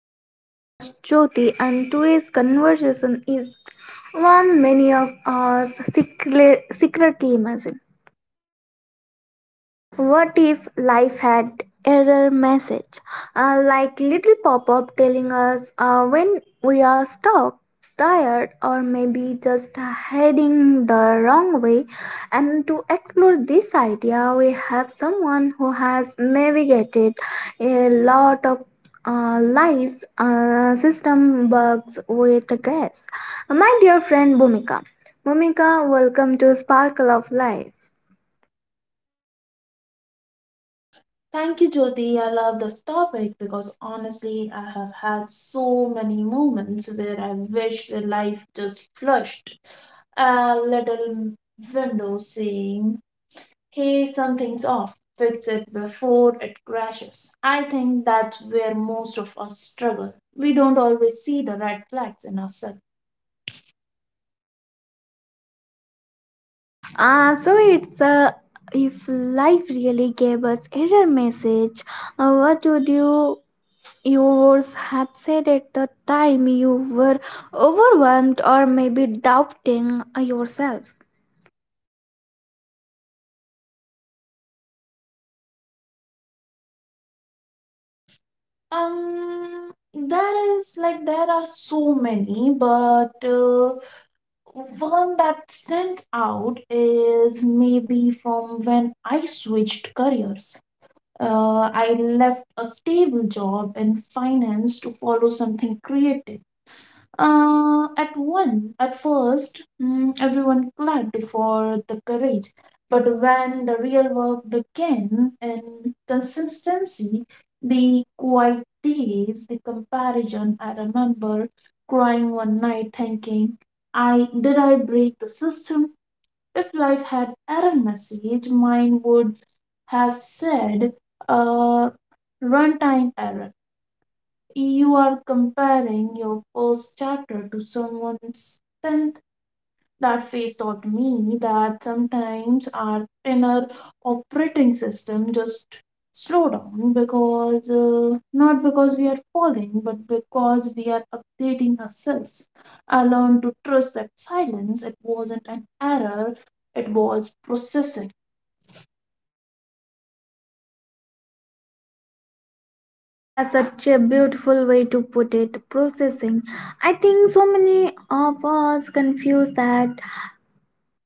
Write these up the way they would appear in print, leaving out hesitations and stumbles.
I am your host Jyoti, and today's conversation is one many of us secretly imagine. What if life had error message, like little pop up telling us when we are stuck, tired, or maybe just heading the wrong way? And to explore this idea, we have someone who has navigated a lot of lives system bugs with grace. My dear friend Bhumika, Bhumika, welcome to Sparkle of Life. Thank you, Jyoti. I love this topic because honestly, I have had so many moments where I wish the life just flushed a little window saying, hey, something's off. Fix it before it crashes. I think that's where most of us struggle. We don't always see the red flags in ourselves. So it's if life really gave us error message, what would you would have said at the time you were overwhelmed or maybe doubting yourself? There is there are so many, but one that stands out is maybe from when I switched careers. I left a stable job in finance to follow something creative. At first, everyone clapped for the courage, but when the real work began and consistency, the quiet days, the comparison, I remember crying one night thinking, I did I break the system? If life had error message, mine would have said, uh, runtime error. You are comparing your first chapter to someone's 10th. That phase taught me that sometimes our inner operating system just slow down because not because we are falling but because we are updating ourselves. I learned to trust that silence. It wasn't an error, it was processing. That's such a beautiful way to put it. Processing. I think so many of us confuse that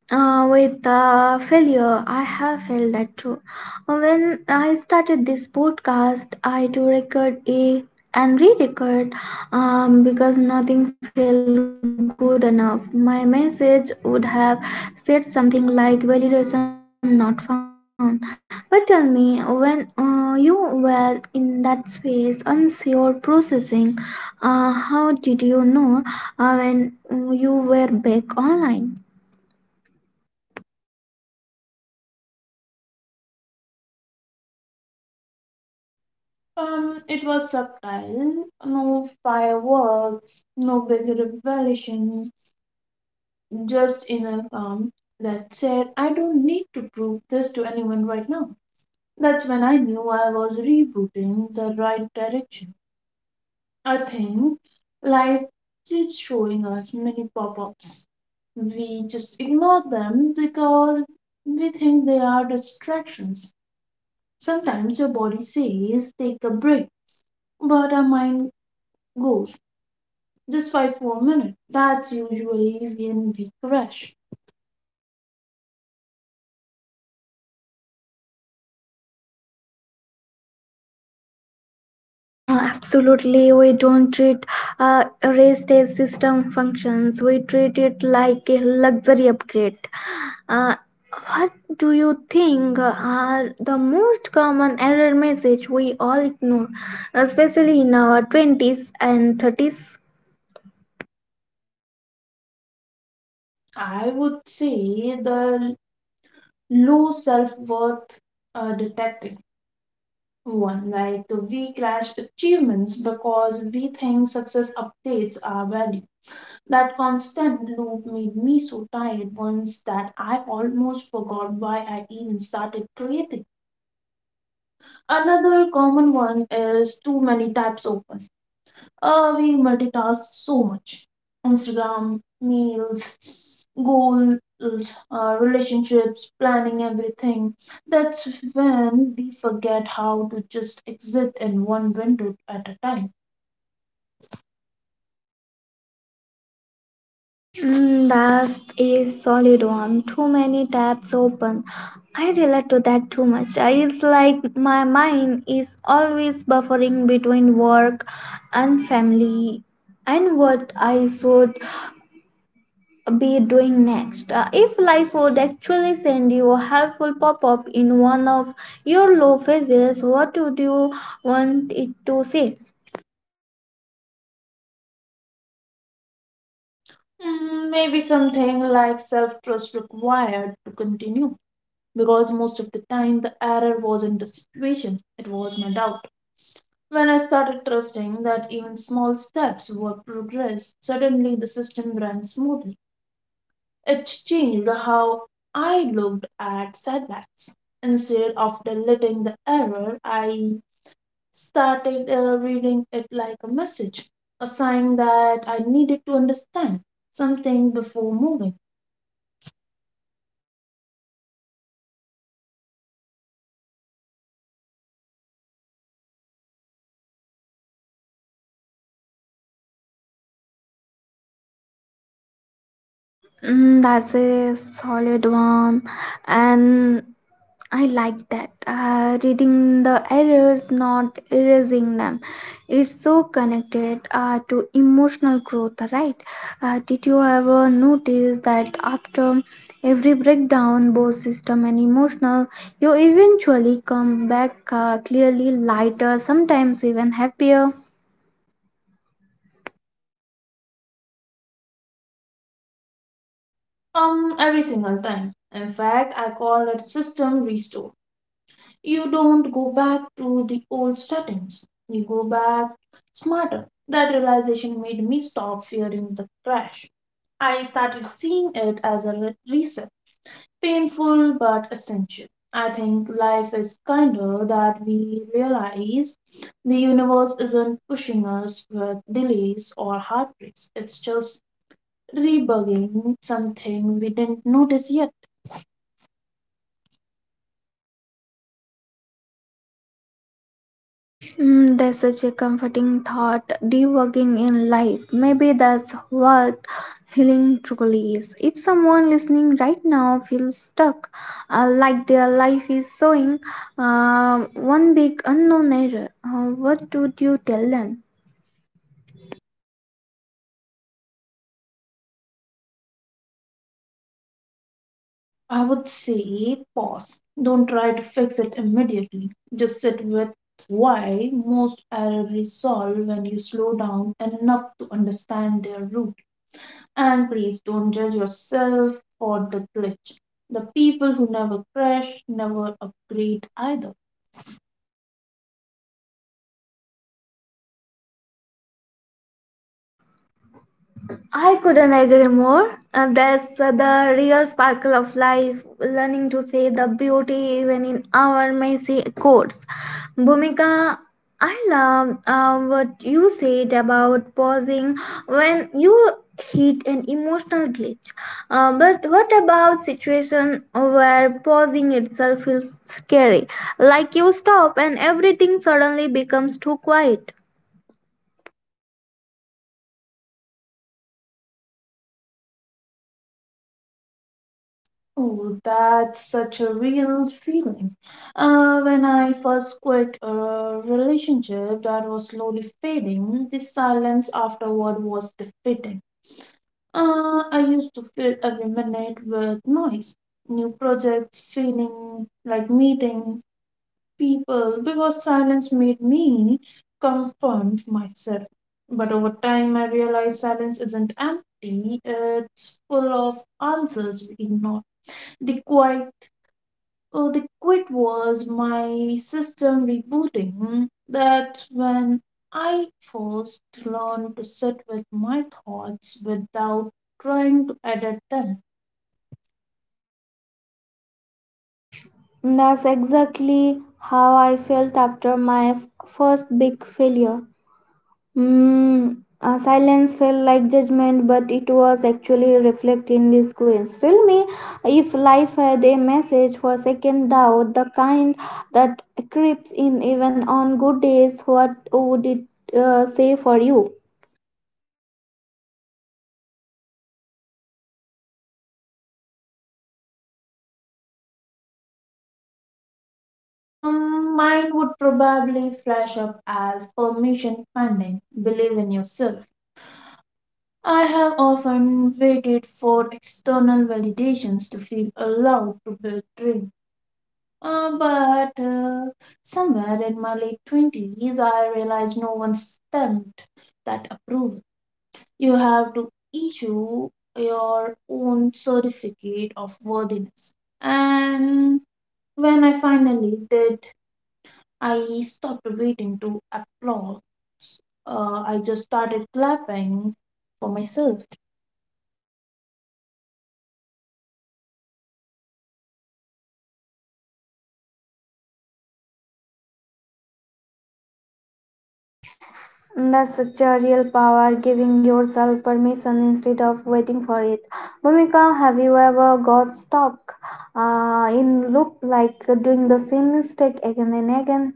With failure, I have felt that too. When I started this podcast, I do record a and re-record because nothing felt good enough. My message would have said something like validation not found. But tell me, when you were in that space, unsure, processing, how did you know when you were back online? It was subtle. No fireworks, no big revelation, just in a calm that said, I don't need to prove this to anyone right now. That's when I knew I was rebooting the right direction. I think life keeps showing us many pop ups. We just ignore them because we think they are distractions. Sometimes your body says, take a break, but our mind goes, just five more minutes. That's usually when we crash. Absolutely, we don't treat rest as system functions. We treat it like a luxury upgrade. Uh, what do you think are the most common error message we all ignore, especially in our twenties and thirties? I would say the low self-worth detecting one. Like we crash achievements because we think success updates our value. That constant loop made me so tired once that I almost forgot why I even started creating. Another common one is too many tabs open. We multitask so much. Instagram, meals, goals, relationships, planning everything. That's when we forget how to just exist in one window at a time. Mm, that's a solid one. Too many tabs open. I relate to that too much. It's like my mind is always buffering between work and family and what I should be doing next. If life would actually send you a helpful pop up in one of your low phases, what would you want it to say? Mm, maybe something like self trust required to continue, because most of the time the error wasn't the situation, it was my doubt. When I started trusting that even small steps were progress, suddenly the system ran smoothly. It changed how I looked at setbacks. Instead of deleting the error, I started reading it like a message, a sign that I needed to understand something before moving. Mm, that's a solid one. And I like that. Reading the errors, not erasing them. It's so connected to emotional growth, right? Did you ever notice that after every breakdown, both system and emotional, you eventually come back clearly lighter, sometimes even happier? Every single time. In fact, I call it system restore. You don't go back to the old settings. You go back smarter. That realization made me stop fearing the crash. I started seeing it as a reset. Painful but essential. I think life is kinder that we realize. The universe isn't pushing us with delays or heartbreaks. It's just debugging something we didn't notice yet. Mm, that's such a comforting thought. Debugging in life. Maybe that's what healing truly is. If someone listening right now feels stuck, like their life is showing one big unknown error, what would you tell them? I would say pause. Don't try to fix it immediately. Just sit with why most errors resolve when you slow down and enough to understand their root. And please don't judge yourself for the glitch. The people who never crash never upgrade either. I couldn't agree more. That's the real sparkle of life, learning to see the beauty even in our messy courts. Bhumika, I love what you said about pausing when you hit an emotional glitch. But what about situation where pausing itself feels scary? Like you stop and everything suddenly becomes too quiet. Oh, that's such a real feeling. When I first quit a relationship that was slowly fading, the silence afterward was defeating. I used to fill every minute with noise, new projects, feeling like meeting people, because silence made me confront myself. But over time, I realized silence isn't empty, it's full of answers we ignore. The quiet, oh, the quit was my system rebooting. That's when I first learned to sit with my thoughts without trying to edit them. That's exactly how I felt after my first big failure. Mm, silence felt like judgment, but it was actually reflecting disgrace. Tell me if life had a message for second doubt, the kind that creeps in even on good days, what would it say for you? Mine would probably flash up as permission pending. Believe in yourself. I have often waited for external validations to feel allowed to build dream. But somewhere in my late 20s, I realized no one stamped that approval. You have to issue your own certificate of worthiness. And when I finally did, I stopped waiting to applaud. I just started clapping for myself. That's such a real power, giving yourself permission instead of waiting for it. Bhumika, have you ever got stuck in loop, like doing the same mistake again and again?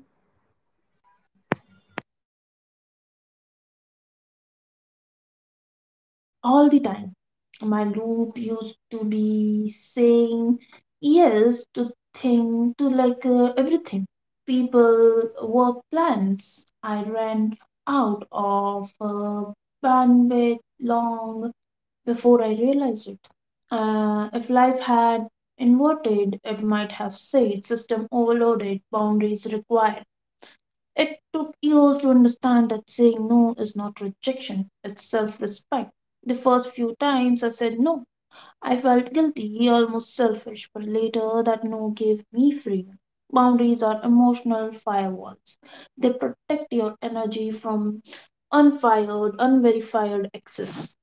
All the time. My loop used to be saying yes to thing to like everything. People, work plans. I ran out of bandwidth long before I realized it. If life had inverted, it might have said system overloaded, boundaries required. It took years to understand that saying no is not rejection, it's self respect. The first few times I said no, I felt guilty, almost selfish, but later that no gave me freedom. Boundaries are emotional firewalls, they protect your energy from unfired, unverified access.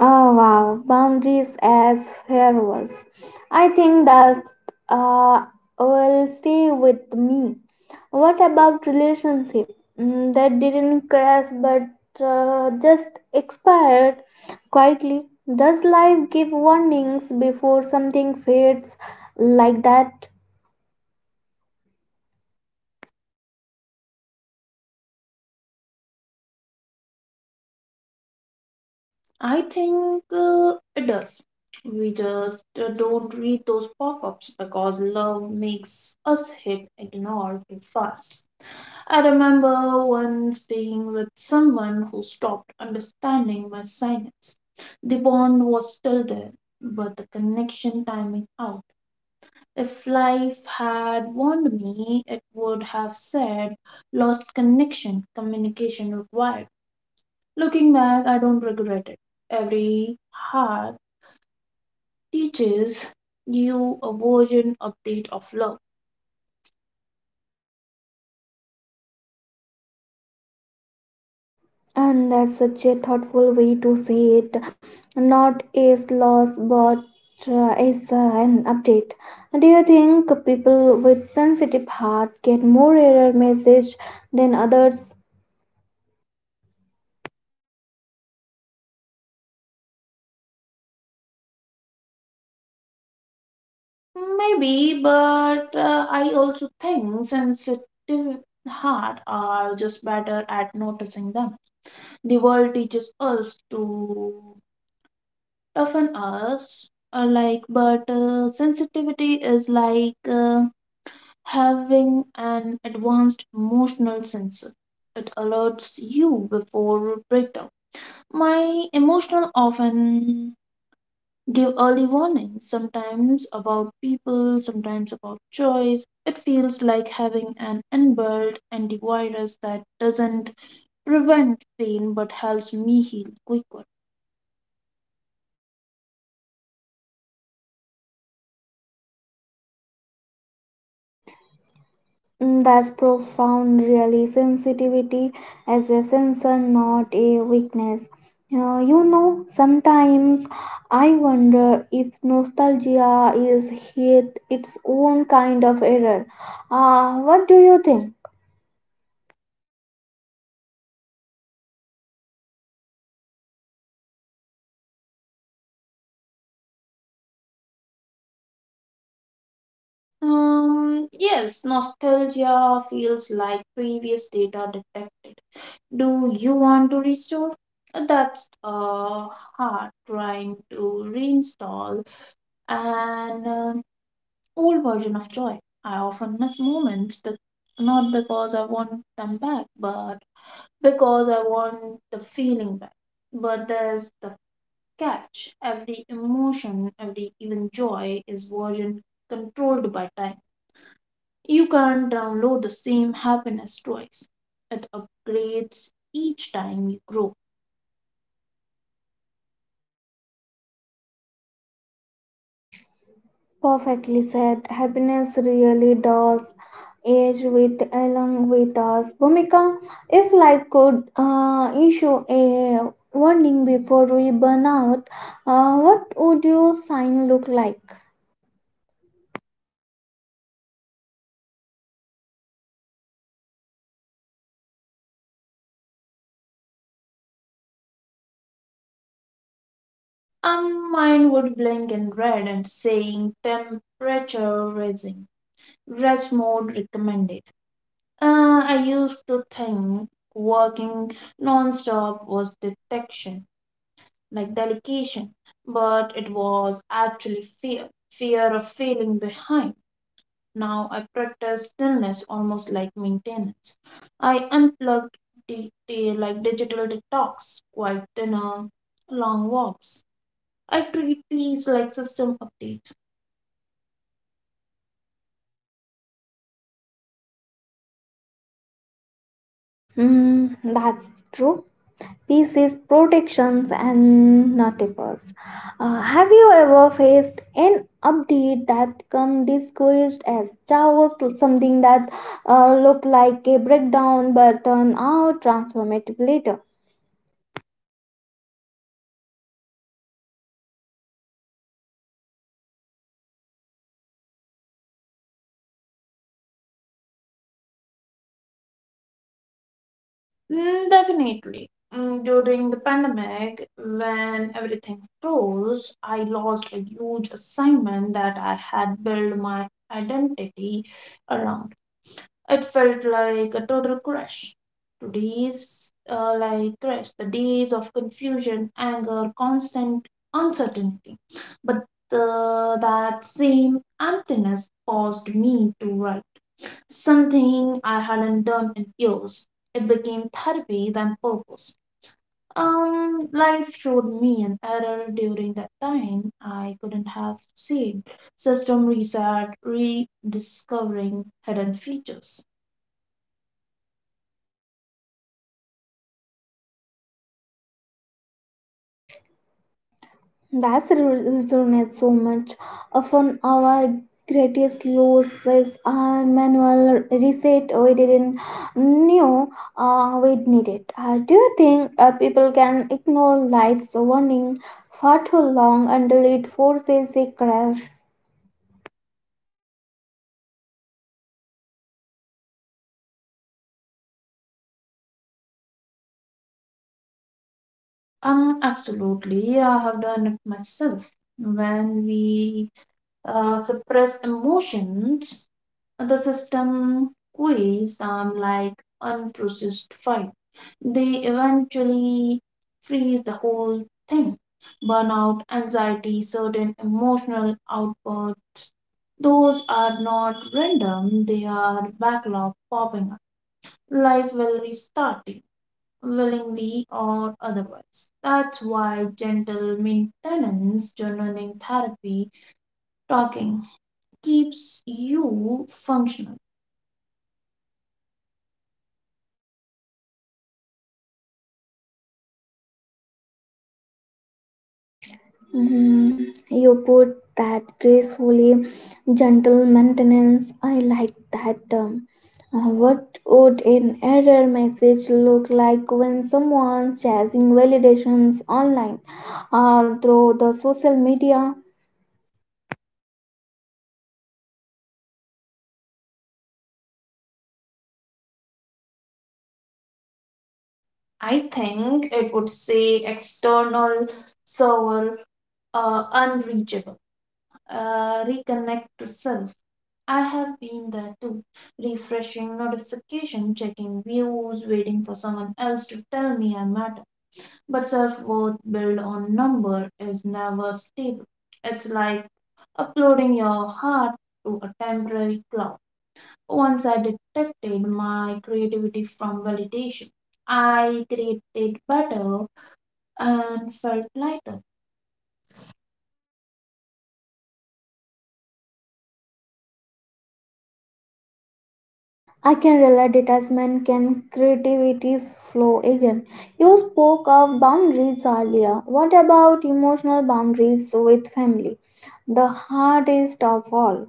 Oh wow, boundaries as firewalls. I think that uh, will stay with me. What about relationship, mm, that didn't crash but just expired quietly? Does life give warnings before something fades like that? I think it does. We just don't read those pop ups because love makes us hit ignore too fast. I remember once being with someone who stopped understanding my silence. The bond was still there, but the connection timing out. If life had warned me, it would have said lost connection, communication required. Looking back, I don't regret it. Every heart teaches you a version update of love. And that's such a thoughtful way to say it. Not as loss, but as an update. Do you think people with sensitive heart get more error message than others? Maybe, but I also think sensitive heart are just better at noticing them. The world teaches us to toughen us, like, but sensitivity is like having an advanced emotional sensor. It alerts you before breakdown. My emotional often give early warning, sometimes about people, sometimes about choice. It feels like having an inbuilt antivirus that doesn't prevent pain but helps me heal quicker. Mm, that's profound, really. Sensitivity as a sensor, not a weakness. You know, sometimes I wonder if nostalgia is hit its own kind of error. What do you think? Yes, nostalgia feels like previous data detected. Do you want to restore? That's hard trying to reinstall and old version of joy. I often miss moments, but not because I want them back, but because I want the feeling back. But there's the catch. Every emotion, every even joy is version controlled by time. You can't download the same happiness twice. It upgrades each time you grow. Perfectly said. Happiness really does age with along with us. Bhumika, if life could issue a warning before we burn out, what would your sign look like? And mine would blink in red and saying temperature rising. Rest mode recommended. I used to think working nonstop was detection, like delegation, but it was actually fear of failing behind. Now I practice stillness almost like maintenance. I unplugged digital detox, quiet dinner, long walks. I treat peace like system updates. Mm, that's true. Peace is protections and not a purse. Have you ever faced an update that come disguised as chaos, something that looked like a breakdown but turned out transformative later? Mm, definitely. Mm, during the pandemic, when everything froze, I lost a huge assignment that I had built my identity around. It felt like a total crash. Today's, crash, the days of confusion, anger, constant uncertainty. But that same emptiness caused me to write something I hadn't done in years. It became therapy than purpose. Life showed me an error during that time I couldn't have seen. System reset, rediscovering hidden features. That's re- Resonates so much. Often our greatest losses are manual reset we didn't know we needed. Do you think people can ignore life's warning for too long until it forces a crash? Absolutely, I have done it myself. When we suppress emotions, the system quiz like unprocessed file. They eventually freeze the whole thing. Burnout, anxiety, certain emotional outbursts. Those are not random, they are backlog popping up. Life will restart you, willingly or otherwise. That's why gentle maintenance, journaling therapy, talking keeps you functional. Mhm. You put that gracefully, gentle maintenance. I like that term. What would an error message look like when someone's chasing validations online through the social media? I think it would say external server unreachable. Reconnect to self. I have been there too, refreshing notification, checking views, waiting for someone else to tell me I matter. But self-worth built on number is never stable. It's like uploading your heart to a temporary cloud. Once I detected my creativity from validation, I created better and felt lighter. I can relate detachment can creativity's flow again. You spoke of boundaries earlier. What about emotional boundaries with family? The hardest of all.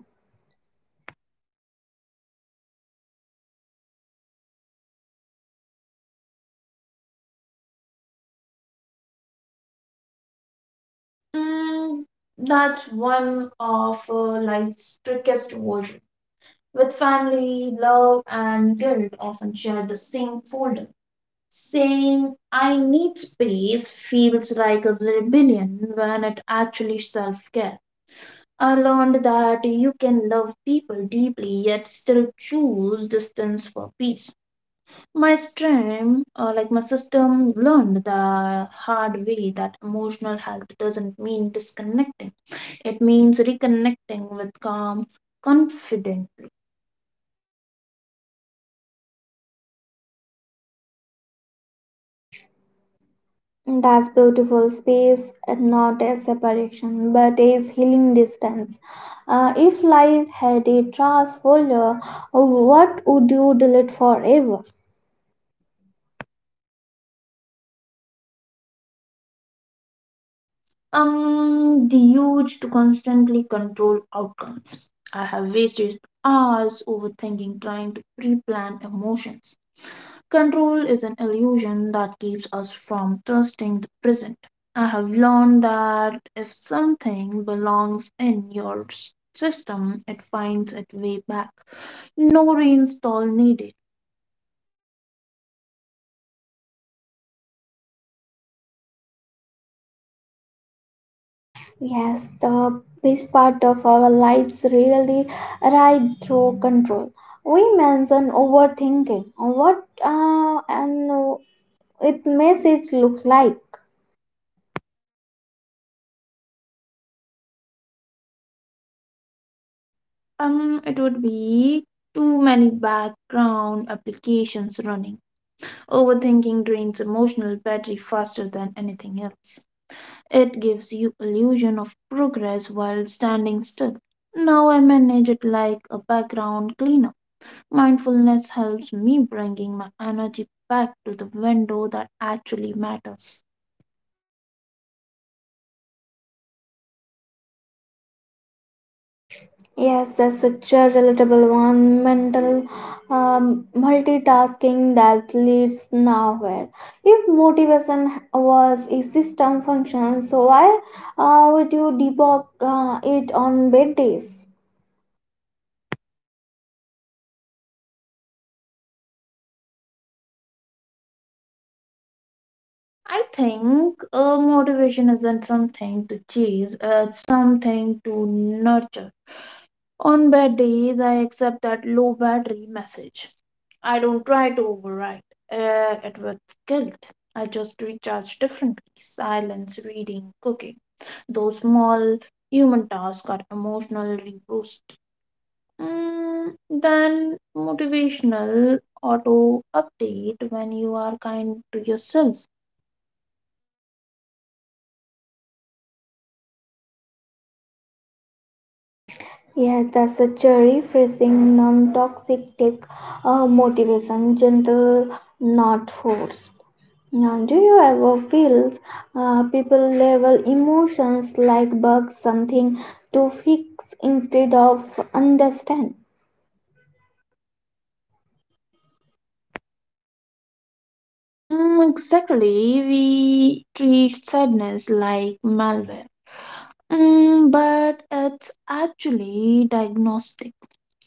Mm, that's one of life's trickiest versions. With family, love, and guilt often share the same folder. Saying, I need space feels like a rebellion when it actually self care. I learned that you can love people deeply yet still choose distance for peace. My stream, my system, learned the hard way that emotional health doesn't mean disconnecting, it means reconnecting with calm confidently. That's beautiful. Space, not a separation, but is healing distance. If life had a trash folder, what would you delete forever? The urge to constantly control outcomes. I have wasted hours overthinking, trying to pre plan emotions. Control is an illusion that keeps us from trusting the present. I have learned that if something belongs in your system, it finds its way back. No reinstall needed. Yes, the best part of our lives really right through control. We mention overthinking. What and it message look like? It would be too many background applications running. Overthinking drains emotional battery faster than anything else. It gives you illusion of progress while standing still. Now I manage it like a background cleaner. Mindfulness helps me bringing my energy back to the window that actually matters. Yes, that's such a relatable one. Mental multitasking that leads nowhere. If motivation was a system function, so why would you debug it on bad days? I think motivation isn't something to chase, it's something to nurture. On bad days, I accept that low battery message. I don't try to override it with guilt. I just recharge differently silence, reading, cooking. Those small human tasks are emotionally boost. Mm, then motivational auto update when you are kind to yourself. Yes, that's such a refreshing, non toxic take motivation, gentle, not forced. Yeah, do you ever feel people label emotions like bugs, something to fix instead of understand? Mm, exactly, we treat sadness like malware. Mm, but it's actually diagnostic.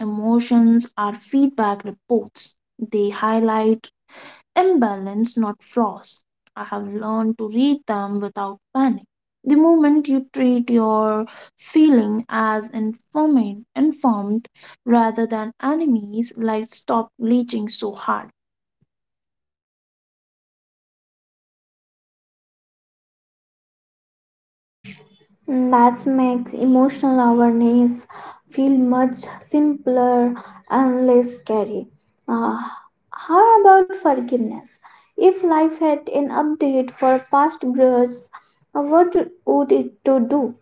Emotions are feedback reports. They highlight imbalance, not flaws. I have learned to read them without panic. The moment you treat your feeling as informed rather than enemies, life stop leaching so hard. That makes emotional awareness feel much simpler and less scary. Uh, how about forgiveness? If life had an update for past grudges, what would it to do?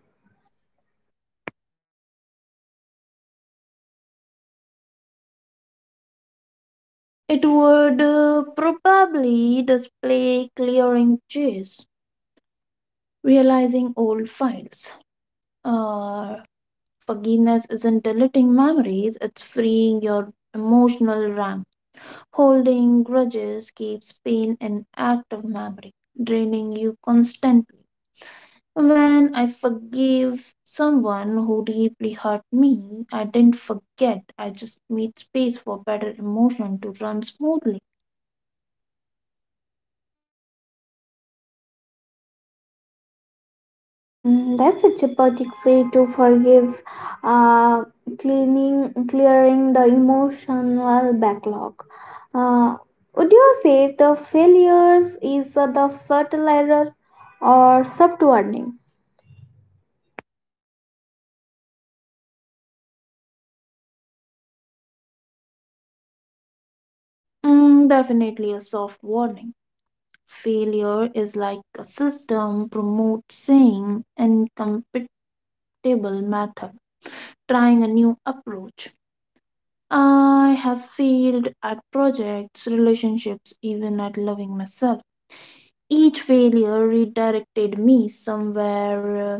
It would probably display clearing chase, realizing old files. Uh, Forgiveness isn't deleting memories, it's freeing your emotional RAM. Holding grudges keeps pain in active memory, draining you constantly. When I forgive someone who deeply hurt me, I didn't forget. I just made space for better emotion to run smoothly. Mm, that's such a poetic way to forgive, uh, cleaning, clearing the emotional backlog. Uh, would you say the failures is the fertilizer or soft warning? Mm, definitely a soft warning. Failure is like a system promotes saying incompatible method. Trying a new approach. I have failed at projects, relationships, even at loving myself. Each failure redirected me somewhere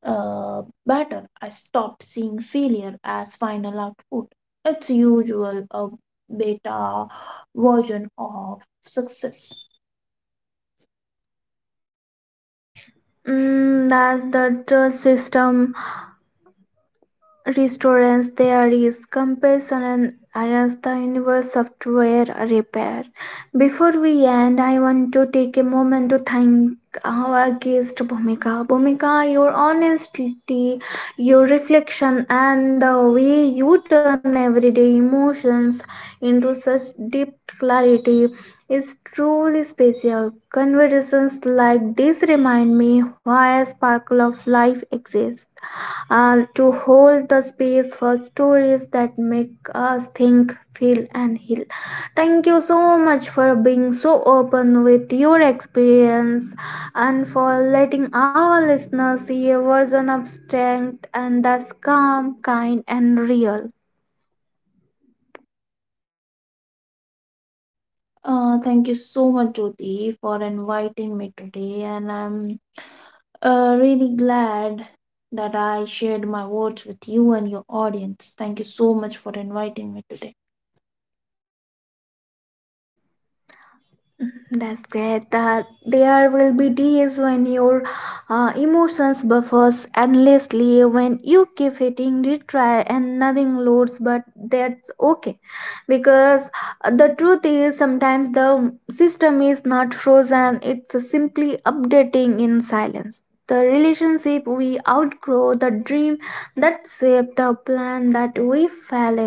better. I stopped seeing failure as final output. It's usual a beta version of success. Mm, that's the trust system restaurants there is compassion and I ask the universe software repair. Before we end, I want to take a moment to thank our guest Bhumika. Bhumika, your honesty, your reflection, and the way you turn everyday emotions into such deep clarity is truly special. Conversations like this remind me why a Sparkle of Life exists, to hold the space for stories that make us think, feel, and heal. Thank you so much for being so open with your experience and for letting our listeners see a version of strength, and that's calm, kind, and real. Thank you so much, Jyoti, for inviting me today, and I'm really glad that I shared my words with you and your audience. Thank you so much for inviting me today. That's great that there will be days when your emotions buffers endlessly, when you keep hitting retry and nothing loads, but that's okay, because the truth is, sometimes the system is not frozen, it's simply updating in silence. The relationship we outgrow, the dream that shaped the plan that we fell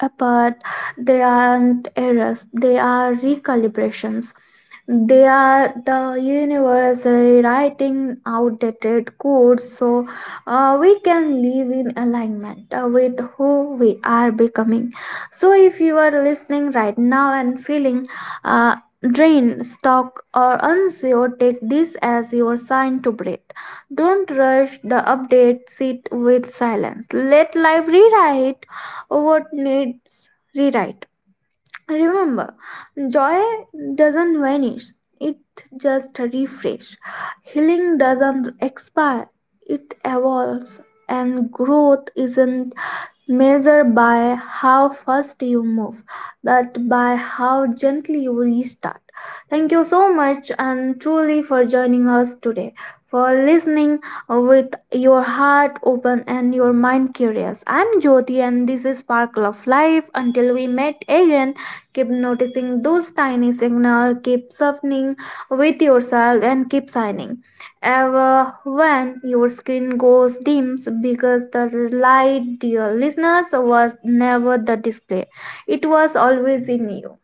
apart, they aren't errors, they are recalibrations. They are the universe rewriting outdated codes, so we can live in alignment with who we are becoming. So if you are listening right now and feeling uh, drained, stuck, or unsure, take this as your sign to breathe. Don't rush the update, sit with silence, let life rewrite what needs rewrite. Remember, joy doesn't vanish, it just refresh. Healing doesn't expire, it evolves, and growth isn't measure by how fast you move, but by how gently you restart. Thank you so much, and truly, for joining us today, for listening with your heart open and your mind curious. I'm Jyoti, and this is Sparkle of Life. Until we met again, keep noticing those tiny signals, keep softening with yourself, and keep signing ever when your screen goes dims, because the light, dear listeners, was never the display, it was always in you.